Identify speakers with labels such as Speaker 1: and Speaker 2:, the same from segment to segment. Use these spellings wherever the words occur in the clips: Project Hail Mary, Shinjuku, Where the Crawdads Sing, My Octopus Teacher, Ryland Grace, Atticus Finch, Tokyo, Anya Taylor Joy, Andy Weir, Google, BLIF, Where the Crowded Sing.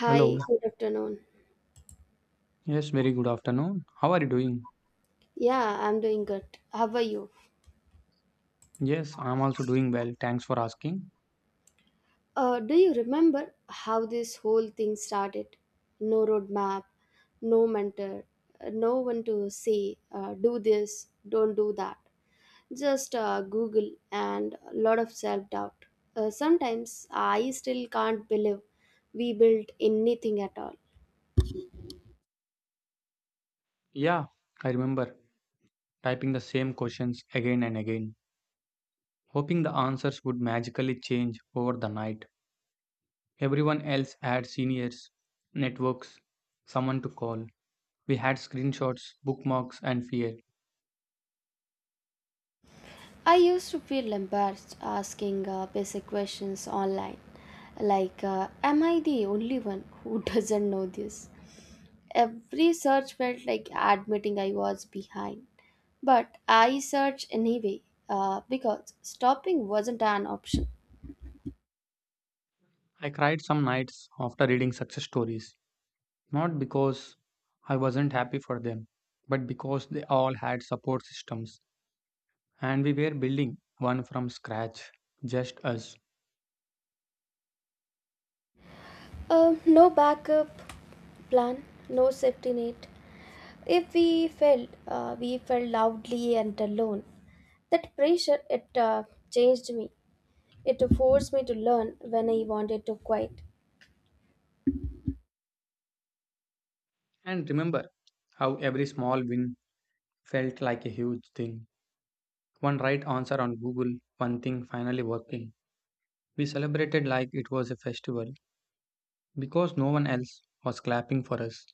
Speaker 1: Hi, good afternoon.
Speaker 2: Yes, very good afternoon. How are you doing?
Speaker 1: Yeah, I'm doing good. How are you?
Speaker 2: Yes, I'm also doing well. Thanks for asking.
Speaker 1: Do you remember how this whole thing started? No roadmap, no mentor, no one to say, do this, don't do that. Just Google and a lot of self doubt. Sometimes I still can't believe we built anything at all.
Speaker 2: Yeah, I remember typing the same questions again and again, hoping the answers would magically change over the night. Everyone else had seniors, networks, someone to call. We had screenshots, bookmarks, and fear.
Speaker 1: I used to feel embarrassed asking basic questions online, like, am I the only one who doesn't know this? Every search felt like admitting I was behind. But I searched anyway because stopping wasn't an option.
Speaker 2: I cried some nights after reading success stories, not because I wasn't happy for them, but because they all had support systems and we were building one from scratch, just us.
Speaker 1: No backup plan, no safety net. If we failed, we felt loudly and alone. That pressure, it changed me. It forced me to learn when I wanted to quit.
Speaker 2: And remember how every small win felt like a huge thing. One right answer on Google, one thing finally working. We celebrated like it was a festival because no one else was clapping for us.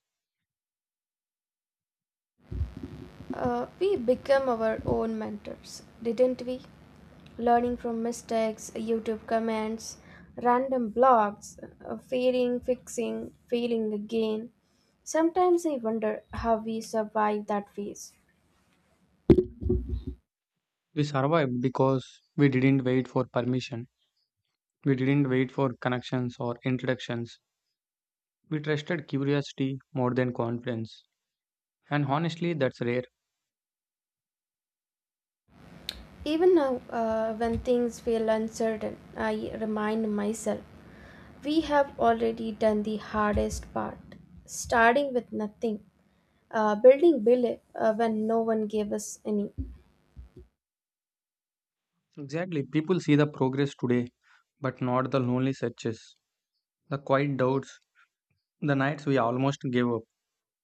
Speaker 1: We became our own mentors, didn't we? Learning from mistakes, YouTube comments, random blogs, failing, fixing, failing again. Sometimes I wonder how we survived that phase.
Speaker 2: We survived because we didn't wait for permission, we didn't wait for connections or introductions. We trusted curiosity more than confidence. And honestly, that's rare.
Speaker 1: Even now, when things feel uncertain, I remind myself we have already done the hardest part, starting with nothing, building Bile when no one gave us any.
Speaker 2: Exactly. People see the progress today, but not the lonely searches, the quiet doubts, the nights we almost gave up.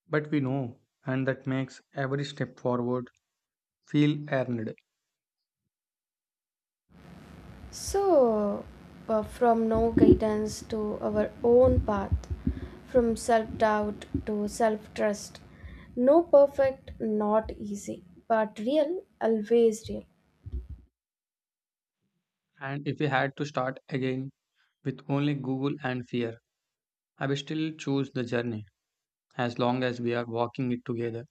Speaker 2: But we know, and that makes every step forward feel earned.
Speaker 1: So, from no guidance to our own path, from self doubt to self trust, no perfect, not easy, but real, always real.
Speaker 2: And if we had to start again with only Google and fear, I would still choose the journey as long as we are walking it together.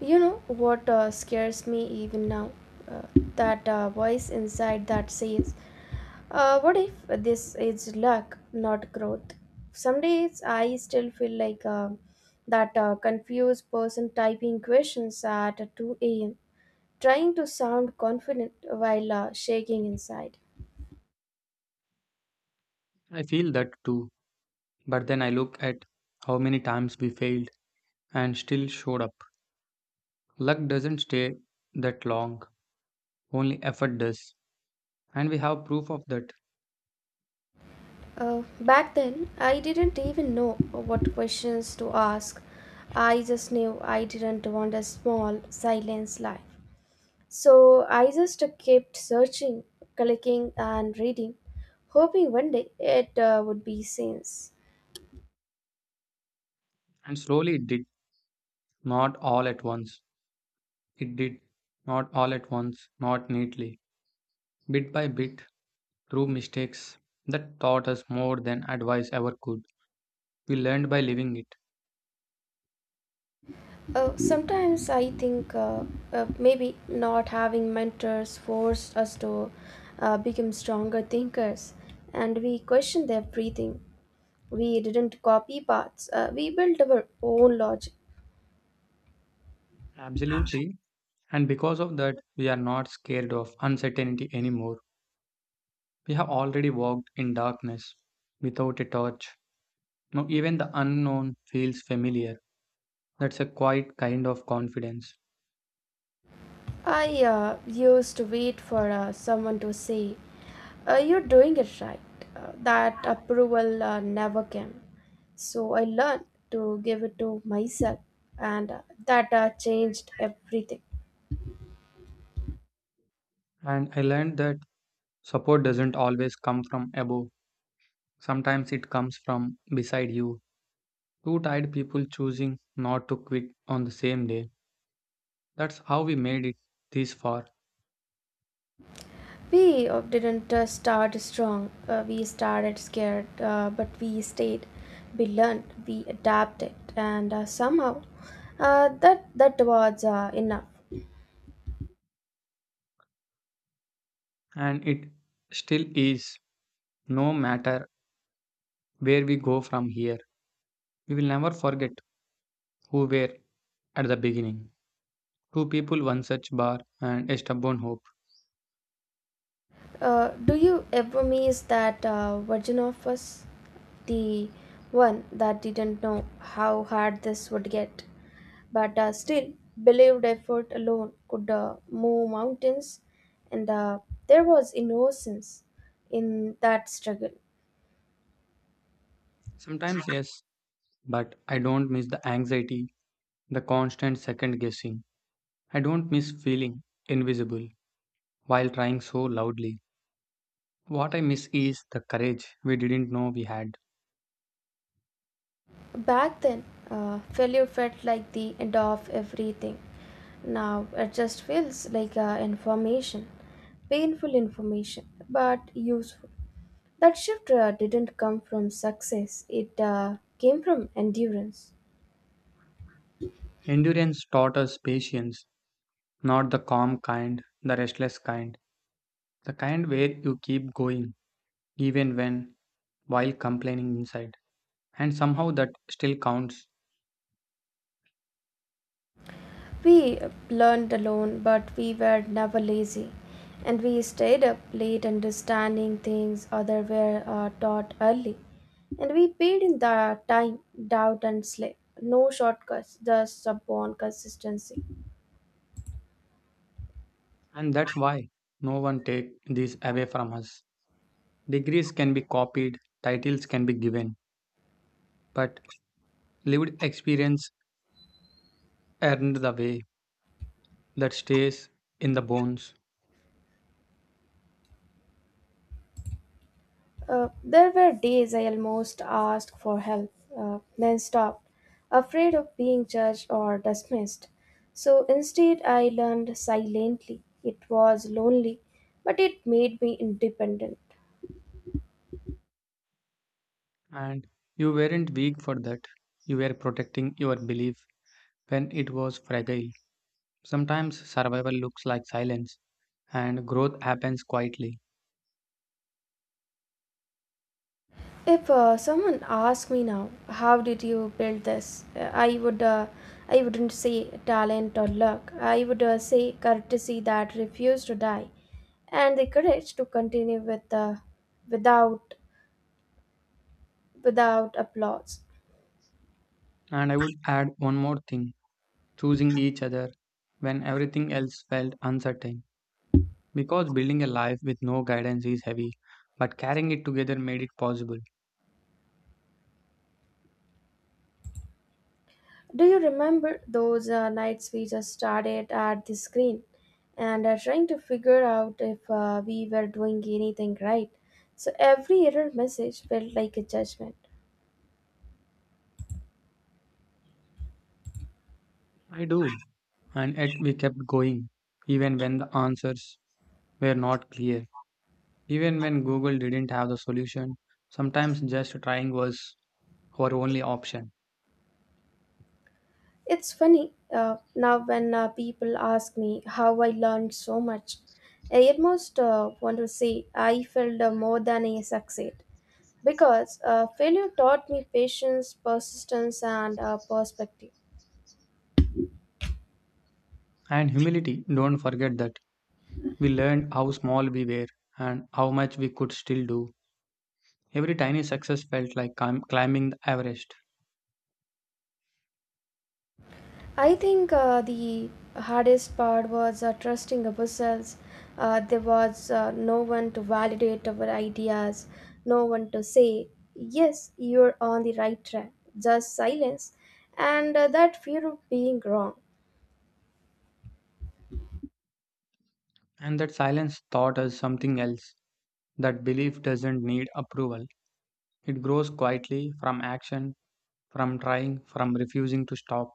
Speaker 1: You know what scares me even now? Uh, that voice inside that says, what if this is luck, not growth? Some days I still feel like that confused person typing questions at 2 a.m., trying to sound confident while shaking inside.
Speaker 2: I feel that too. But then I look at how many times we failed and still showed up. Luck doesn't stay that long, only effort does. And we have proof of that.
Speaker 1: Back then, I didn't even know what questions to ask. I just knew I didn't want a small, silence life. So I just kept searching, clicking, and reading, hoping one day it would be sense.
Speaker 2: And slowly it did, not all at once. It did, not all at once, not neatly, bit by bit, through mistakes that taught us more than advice ever could. We learned by living it.
Speaker 1: Sometimes I think maybe not having mentors forced us to become stronger thinkers, and we questioned everything. We didn't copy paths, we built our own logic.
Speaker 2: Absolutely. And because of that, we are not scared of uncertainty anymore. We have already walked in darkness without a torch. Now, even the unknown feels familiar. That's a quiet kind of confidence.
Speaker 1: I used to wait for someone to say, you're doing it right. That approval never came. So I learned to give it to myself, and that changed everything.
Speaker 2: And I learned that support doesn't always come from above. Sometimes it comes from beside you. Two tired people choosing not to quit on the same day. That's how we made it this far.
Speaker 1: We didn't start strong, we started scared, but we stayed. We learned, we adapted, and somehow that was enough.
Speaker 2: And it still is. No matter where we go from here, we will never forget who were at the beginning. Two people, one such bar, and a stubborn hope.
Speaker 1: Do you ever miss that version of us? The one that didn't know how hard this would get, but still believed effort alone could move mountains, and there was innocence in that struggle.
Speaker 2: Sometimes, yes, but I don't miss the anxiety, the constant second guessing. I don't miss feeling invisible while trying so loudly. What I miss is the courage we didn't know we had.
Speaker 1: Back then, failure felt like the end of everything. Now it just feels like information, painful information, but useful. That shift didn't come from success, it came from endurance.
Speaker 2: Endurance taught us patience, not the calm kind, the restless kind, the kind where you keep going even when while complaining inside. And somehow that still counts.
Speaker 1: We learned alone, but we were never lazy. And we stayed up late understanding things others were taught early. And we paid in the time, doubt, and sleep. No shortcuts, just stubborn consistency.
Speaker 2: And that's why no one take this away from us. Degrees can be copied, titles can be given, but lived experience earned the way that stays in the bones.
Speaker 1: There were days I almost asked for help, then stopped, afraid of being judged or dismissed. So instead, I learned silently. It was lonely, but it made me independent.
Speaker 2: And you weren't weak for that. You were protecting your belief when it was fragile. Sometimes survival looks like silence, and growth happens quietly.
Speaker 1: If someone asked me now, how did you build this? I wouldn't say talent or luck. I would say courtesy that refused to die, and the courage to continue without, without applause.
Speaker 2: And I would add one more thing, choosing each other when everything else felt uncertain. Because building a life with no guidance is heavy, but carrying it together made it possible.
Speaker 1: Do you remember those nights we just started at the screen, and trying to figure out if we were doing anything right? So every error message felt like a judgment.
Speaker 2: I do. And yet we kept going, even when the answers were not clear. Even when Google didn't have the solution, sometimes just trying was our only option.
Speaker 1: It's funny now when people ask me how I learned so much. I almost want to say I failed more than I succeed because failure taught me patience, persistence, and perspective.
Speaker 2: And humility, don't forget that. We learned how small we were and how much we could still do. Every tiny success felt like climbing the Everest.
Speaker 1: I think the hardest part was trusting ourselves. There was no one to validate our ideas, no one to say, yes, you're on the right track, just silence, and that fear of being wrong.
Speaker 2: And that silence taught us something else, that belief doesn't need approval. It grows quietly from action, from trying, from refusing to stop.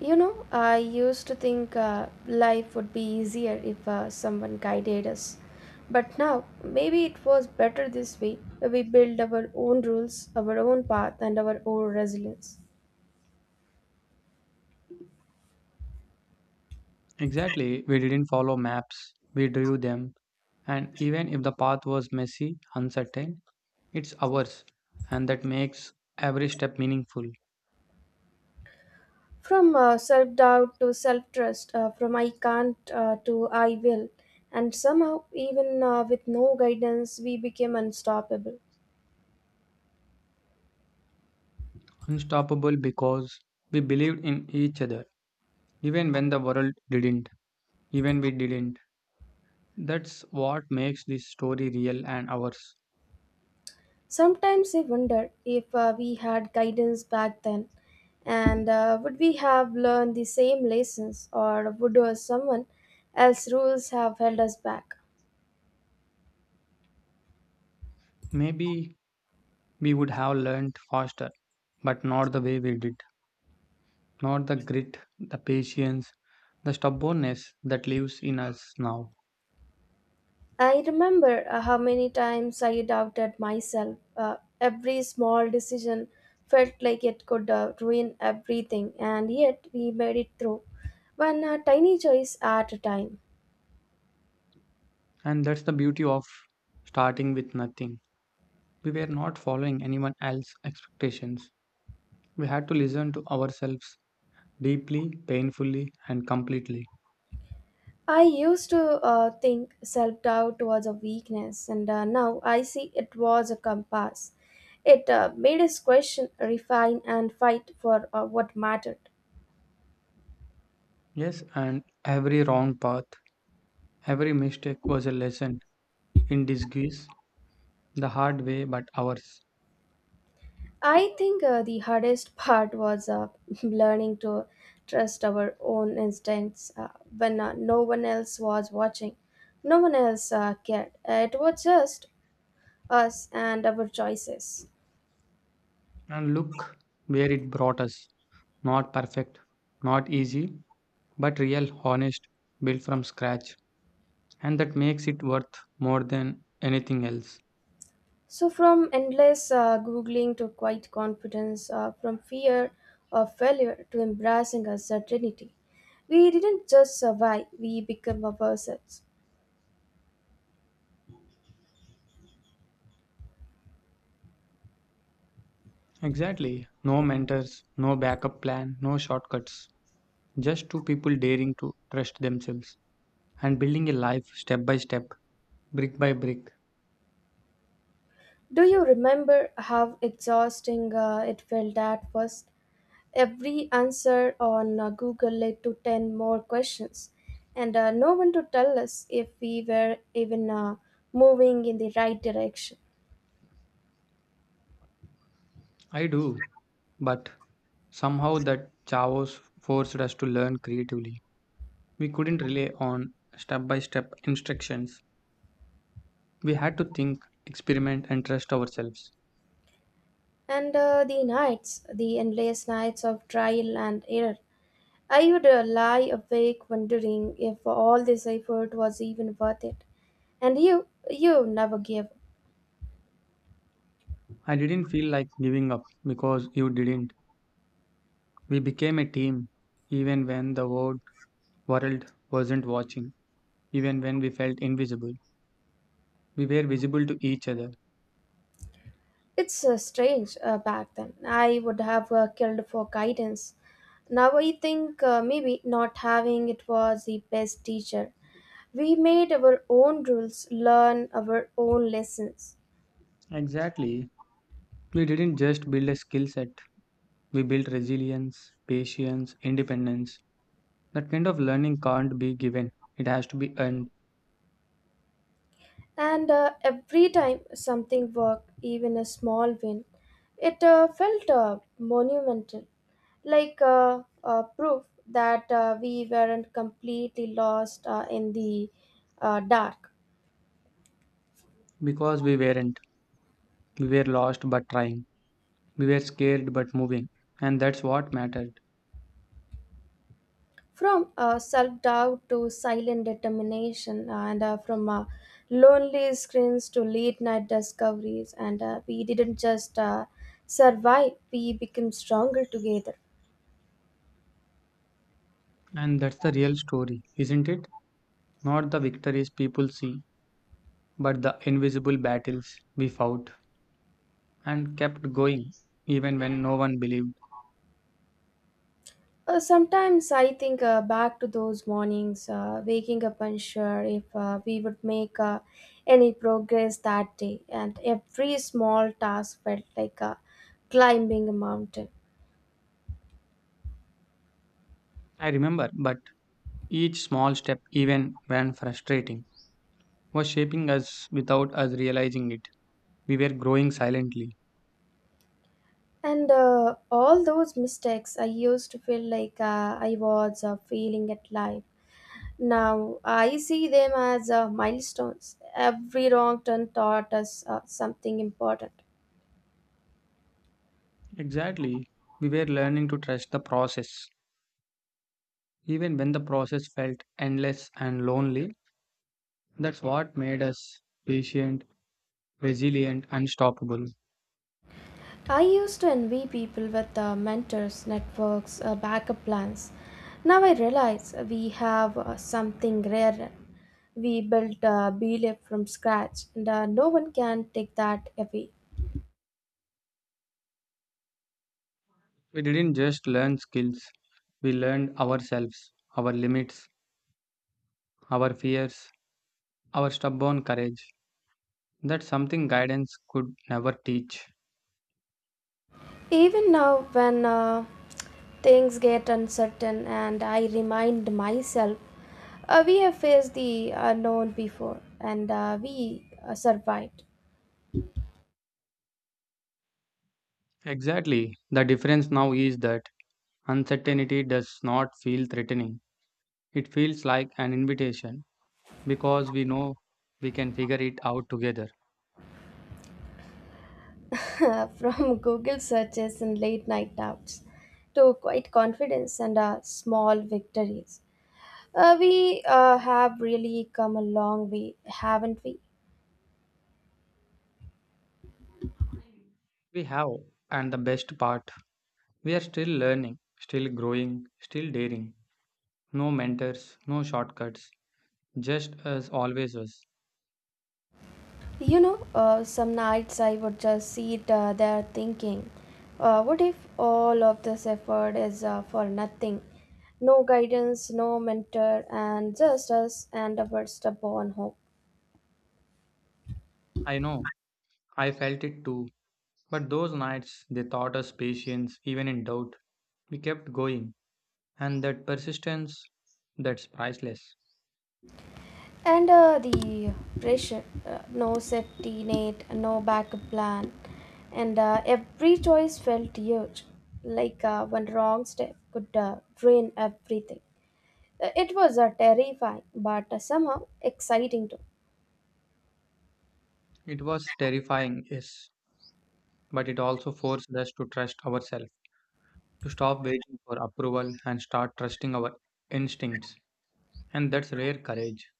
Speaker 1: You know, I used to think life would be easier if someone guided us. But now, maybe it was better this way. We build our own rules, our own path, and our own resilience.
Speaker 2: Exactly, we didn't follow maps, we drew them. And even if the path was messy, uncertain, it's ours, and that makes every step meaningful.
Speaker 1: From self doubt to self trust, from I can't to I will. And somehow, even with no guidance, we became unstoppable.
Speaker 2: Unstoppable because we believed in each other, even when the world didn't, even we didn't. That's what makes this story real and ours.
Speaker 1: Sometimes I wonder if we had guidance back then, and would we have learned the same lessons, or would someone else's rules have held us back?
Speaker 2: Maybe we would have learned faster, but not the way we did. Not the grit, the patience, the stubbornness that lives in us now.
Speaker 1: I remember how many times I doubted myself. Every small decision felt like it could ruin everything, and yet we made it through one tiny choice at a time.
Speaker 2: And that's the beauty of starting with nothing. We were not following anyone else's expectations. We had to listen to ourselves deeply, painfully, and completely.
Speaker 1: I used to think self doubt was a weakness, and now I see it was a compass. It made us question, refine, and fight for what mattered.
Speaker 2: Yes, and every wrong path, every mistake was a lesson in disguise, the hard way but ours.
Speaker 1: I think the hardest part was learning to trust our own instincts when no one else was watching. No one else cared. It was just us and our choices.
Speaker 2: And look where it brought us. Not perfect, not easy, but real, honest, built from scratch. And that makes it worth more than anything else.
Speaker 1: So, from endless Googling to quiet confidence, from fear of failure to embracing uncertainty, we didn't just survive, we became ourselves.
Speaker 2: Exactly. No mentors, no backup plan, no shortcuts. Just two people daring to trust themselves and building a life step by step, brick by brick.
Speaker 1: Do you remember how exhausting it felt at first? Every answer on Google led to 10 more questions, and no one to tell us if we were even moving in the right direction.
Speaker 2: I do, but somehow that Chavos forced us to learn creatively. We couldn't rely on step by step instructions. We had to think, experiment, and trust ourselves.
Speaker 1: And the nights, the endless nights of trial and error. I would lie awake wondering if all this effort was even worth it. And you never gave.
Speaker 2: I didn't feel like giving up because you didn't. We became a team even when the world wasn't watching, even when we felt invisible. We were visible to each other.
Speaker 1: It's strange back then. I would have killed for guidance. Now I think maybe not having it was the best teacher. We made our own rules, learn our own lessons.
Speaker 2: Exactly. We didn't just build a skill set, we build resilience, patience, independence. That kind of learning can't be given, it has to be earned.
Speaker 1: And every time something worked, even a small win, it felt monumental, like proof that we weren't completely lost in the dark.
Speaker 2: Because we weren't. We were lost but trying. We were scared but moving. And that's what mattered.
Speaker 1: From self doubt to silent determination, and from lonely screens to late night discoveries, and we didn't just survive, we became stronger together.
Speaker 2: And that's the real story, isn't it? Not the victories people see, but the invisible battles we fought and kept going, even when no one believed.
Speaker 1: Sometimes I think back to those mornings, waking up unsure if we would make any progress that day, and every small task felt like climbing a mountain.
Speaker 2: I remember, but each small step, even when frustrating, was shaping us without us realizing it. We were growing silently.
Speaker 1: And all those mistakes, I used to feel like I was failing at life. Now I see them as milestones. Every wrong turn taught us something important.
Speaker 2: Exactly. We were learning to trust the process, even when the process felt endless and lonely. That's what made us patient, resilient, unstoppable.
Speaker 1: I used to envy people with mentors, networks, backup plans. Now I realize we have something rare. We built BLIF from scratch, and no one can take that away.
Speaker 2: We didn't just learn skills, we learned ourselves, our limits, our fears, our stubborn courage. That's something guidance could never teach.
Speaker 1: Even now, when things get uncertain and I remind myself, we have faced the unknown before and we survived.
Speaker 2: Exactly. The difference now is that uncertainty does not feel threatening, it feels like an invitation, because we know we can figure it out together.
Speaker 1: From Google searches and late night doubts to quite confidence and small victories. We have really come a long way, haven't we?
Speaker 2: We have, and the best part, we are still learning, still growing, still daring. No mentors, no shortcuts, just as always was.
Speaker 1: You know, some nights I would just sit there thinking, what if all of this effort is for nothing? No guidance, no mentor, and just us and our stubborn hope.
Speaker 2: I know, I felt it too. But those nights, they taught us patience, even in doubt. We kept going, and that persistence, that's priceless.
Speaker 1: And the pressure, no safety net, no backup plan, and every choice felt huge, like one wrong step could drain everything. It was terrifying, but somehow exciting too.
Speaker 2: It was terrifying, yes, but it also forced us to trust ourselves, to stop waiting for approval and start trusting our instincts. And that's rare courage.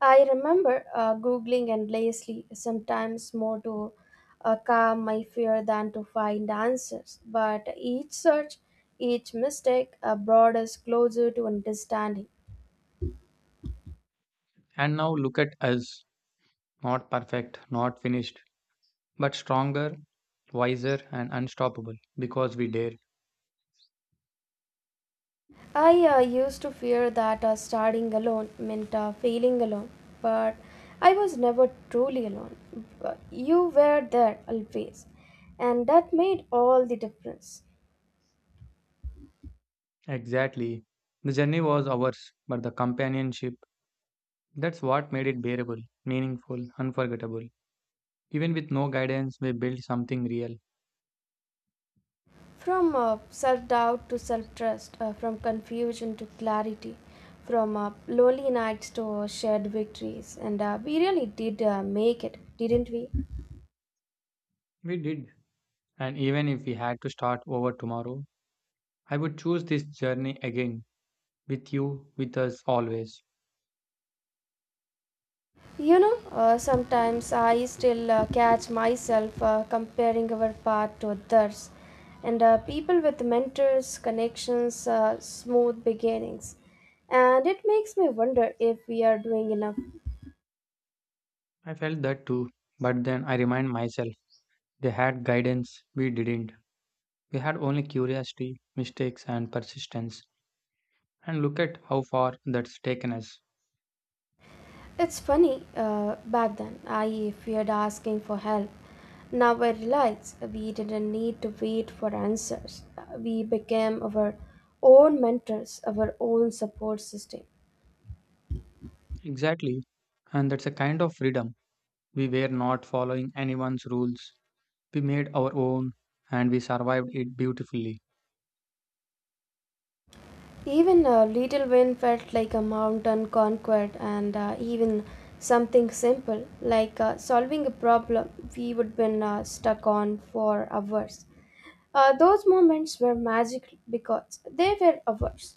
Speaker 1: I remember Googling endlessly, sometimes more to calm my fear than to find answers. But each search, each mistake brought us closer to understanding.
Speaker 2: And now look at us, not perfect, not finished, but stronger, wiser, and unstoppable because we dare.
Speaker 1: I used to fear that starting alone meant failing alone, but I was never truly alone. But you were there always, and that made all the difference.
Speaker 2: Exactly. The journey was ours, but the companionship, that's what made it bearable, meaningful, unforgettable. Even with no guidance, we built something real.
Speaker 1: From self doubt to self trust, from confusion to clarity, from lonely nights to shared victories. And we really did make it, didn't we?
Speaker 2: We did. And even if we had to start over tomorrow, I would choose this journey again with you, with us always.
Speaker 1: You know, sometimes I still catch myself comparing our path to others. And people with mentors, connections, smooth beginnings. And it makes me wonder if we are doing enough.
Speaker 2: I felt that too, but then I remind myself they had guidance, we didn't. We had only curiosity, mistakes, and persistence. And look at how far that's taken us.
Speaker 1: It's funny, back then I feared asking for help. Now I realize we didn't need to wait for answers. We became our own mentors, our own support system.
Speaker 2: Exactly. And that's a kind of freedom. We were not following anyone's rules. We made our own and we survived it beautifully.
Speaker 1: Even a little win felt like a mountain conquered, and even something simple like solving a problem we would been stuck on for hours. Those moments were magical because they were ours.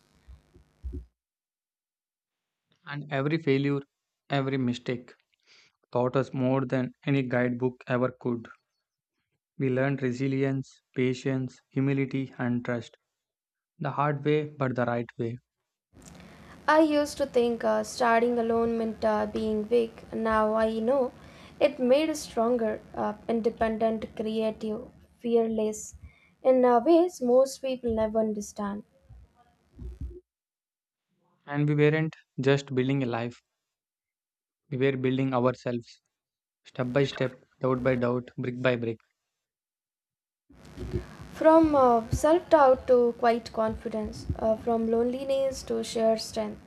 Speaker 2: And every failure, every mistake taught us more than any guidebook ever could. We learned resilience, patience, humility, and trust. The hard way, but the right way.
Speaker 1: I used to think starting alone meant being weak. Now I know it made us stronger, independent, creative, fearless, in ways most people never understand.
Speaker 2: And we weren't just building a life, we were building ourselves, step by step, doubt by doubt, brick by brick.
Speaker 1: From self doubt to quiet confidence, from loneliness to sheer strength,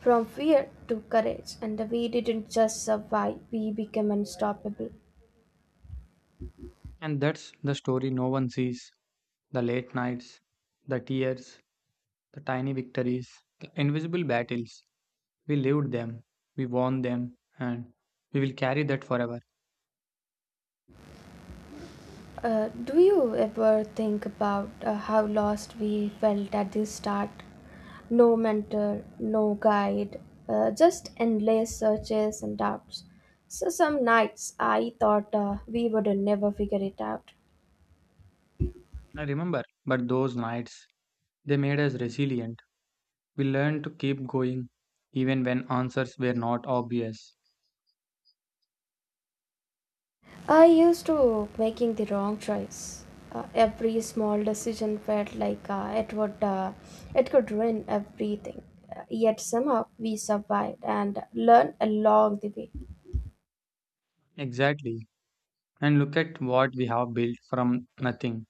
Speaker 1: from fear to courage, and we didn't just survive, we became unstoppable.
Speaker 2: And that's the story no one sees, the late nights, the tears, the tiny victories, the invisible battles. We lived them, we won them, and we will carry that forever.
Speaker 1: Do you ever think about how lost we felt at the start? No mentor, no guide, just endless searches and doubts. So, some nights I thought we would never figure it out.
Speaker 2: I remember, but those nights, they made us resilient. We learned to keep going even when answers were not obvious.
Speaker 1: I used to making the wrong choice. Every small decision felt like it could ruin everything. Yet somehow we survived and learned along the way.
Speaker 2: Exactly. And look at what we have built from nothing,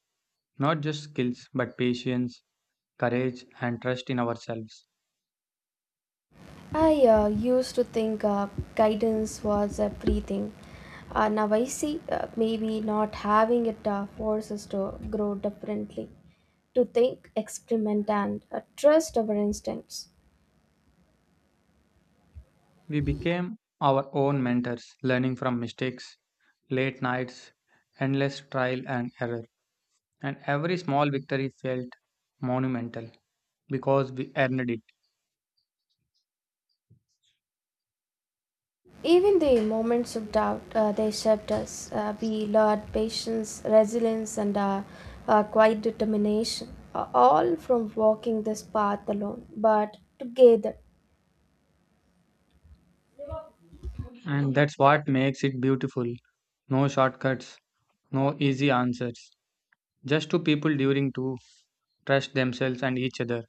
Speaker 2: not just skills, but patience, courage, and trust in ourselves.
Speaker 1: I used to think guidance was everything. Now I see maybe not having it forces to grow differently, to think, experiment, and trust our instincts.
Speaker 2: We became our own mentors, learning from mistakes, late nights, endless trial and error. And every small victory felt monumental because we earned it.
Speaker 1: Even the moments of doubt, they shaped us. We learned patience, resilience, and quiet determination, all from walking this path alone, but together.
Speaker 2: And that's what makes it beautiful. No shortcuts, no easy answers. Just two people during to trust themselves and each other.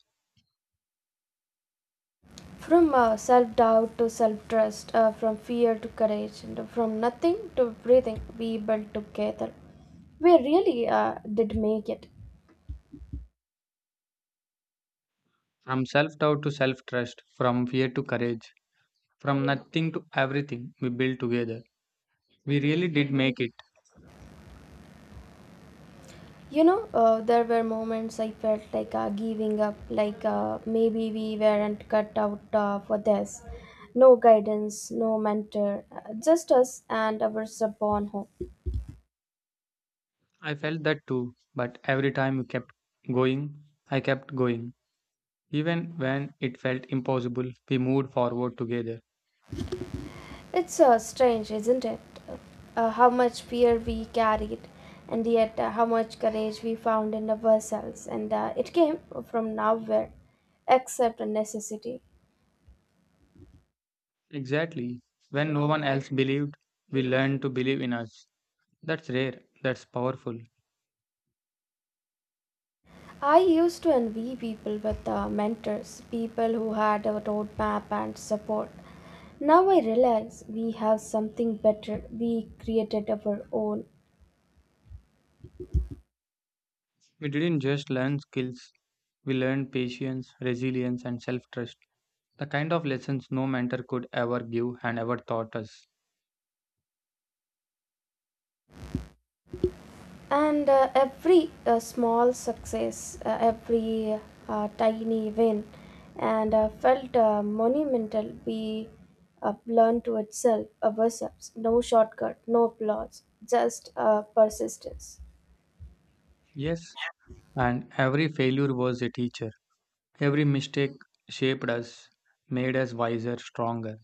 Speaker 1: From self doubt to self trust, from fear to courage, and from nothing to everything, we built together. We really did make it.
Speaker 2: From self doubt to self trust, from fear to courage, from nothing to everything we built together. We really did make it.
Speaker 1: You know, there were moments I felt like giving up, like maybe we weren't cut out for this. No guidance, no mentor, just us and our stubborn hope.
Speaker 2: I felt that too, but every time we kept going, I kept going. Even when it felt impossible, we moved forward together.
Speaker 1: It's strange, isn't it? How much fear we carried, and yet how much courage we found in ourselves, and it came from nowhere, except a necessity.
Speaker 2: Exactly. When no one else believed, we learned to believe in us. That's rare, that's powerful.
Speaker 1: I used to envy people with mentors, people who had a roadmap and support. Now I realize we have something better. We created our own.
Speaker 2: We didn't just learn skills, we learned patience, resilience, and self trust, the kind of lessons no mentor could ever give and ever taught us.
Speaker 1: And every small success, every tiny win, and felt monumental, we learn to itself ourselves. No shortcut, no applause, just persistence.
Speaker 2: Yes, and every failure was a teacher. Every mistake shaped us, made us wiser, stronger.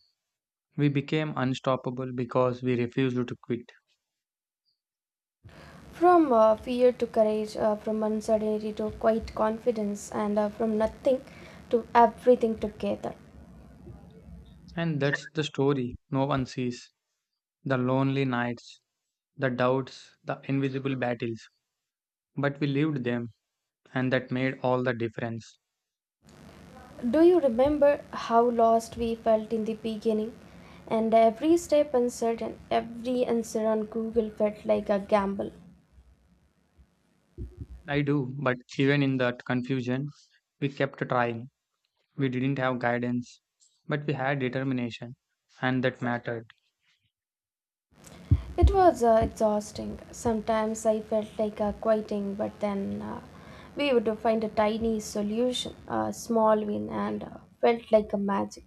Speaker 2: We became unstoppable because we refused to quit.
Speaker 1: From fear to courage, from uncertainty to quiet confidence, and from nothing to everything together.
Speaker 2: And that's the story no one sees, the lonely nights, the doubts, the invisible battles. But we lived them, and that made all the difference.
Speaker 1: Do you remember how lost we felt in the beginning? And every step uncertain, every answer on Google felt like a gamble.
Speaker 2: I do, but even in that confusion, we kept trying. We didn't have guidance, but we had determination, and that mattered.
Speaker 1: It was exhausting. Sometimes I felt like quitting, but then we would find a tiny solution, a small win, and felt like a magic.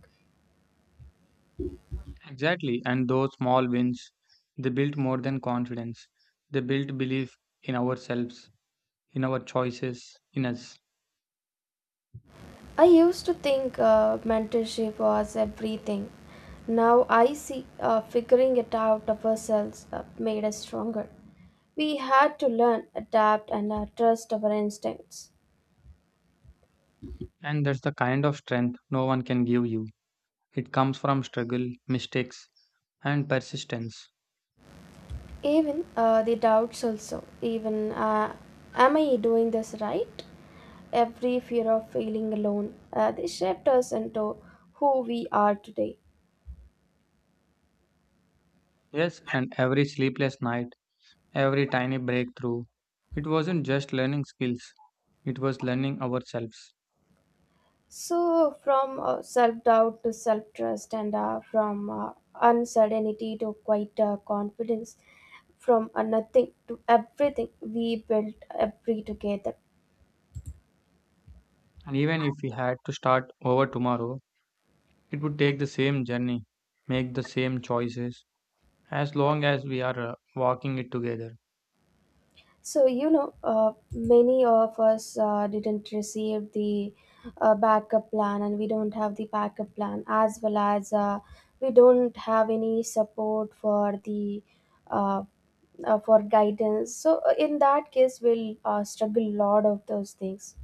Speaker 2: Exactly, and those small wins, they built more than confidence. They built belief in ourselves, in our choices, in us.
Speaker 1: I used to think mentorship was everything. Now I see figuring it out of ourselves made us stronger. We had to learn, adapt, and trust our instincts.
Speaker 2: And that's the kind of strength no one can give you. It comes from struggle, mistakes, and persistence.
Speaker 1: Even the doubts, also. Even, am I doing this right? Every fear of feeling alone. They shaped us into who we are today.
Speaker 2: Yes, and every sleepless night, every tiny breakthrough, it wasn't just learning skills, it was learning ourselves.
Speaker 1: So, from self doubt to self trust, and from uncertainty to quite confidence, from nothing to everything, we built every together.
Speaker 2: And even if we had to start over tomorrow, it would take the same journey, make the same choices, as long as we are walking it together.
Speaker 1: So, you know, many of us didn't receive the backup plan, and we don't have the backup plan, as well as we don't have any support for the uh, for guidance. So, in that case, we'll struggle a lot of those things.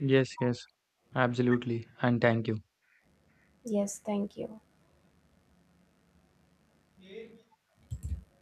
Speaker 2: Yes, yes, absolutely. And thank you.
Speaker 1: Yes, thank you.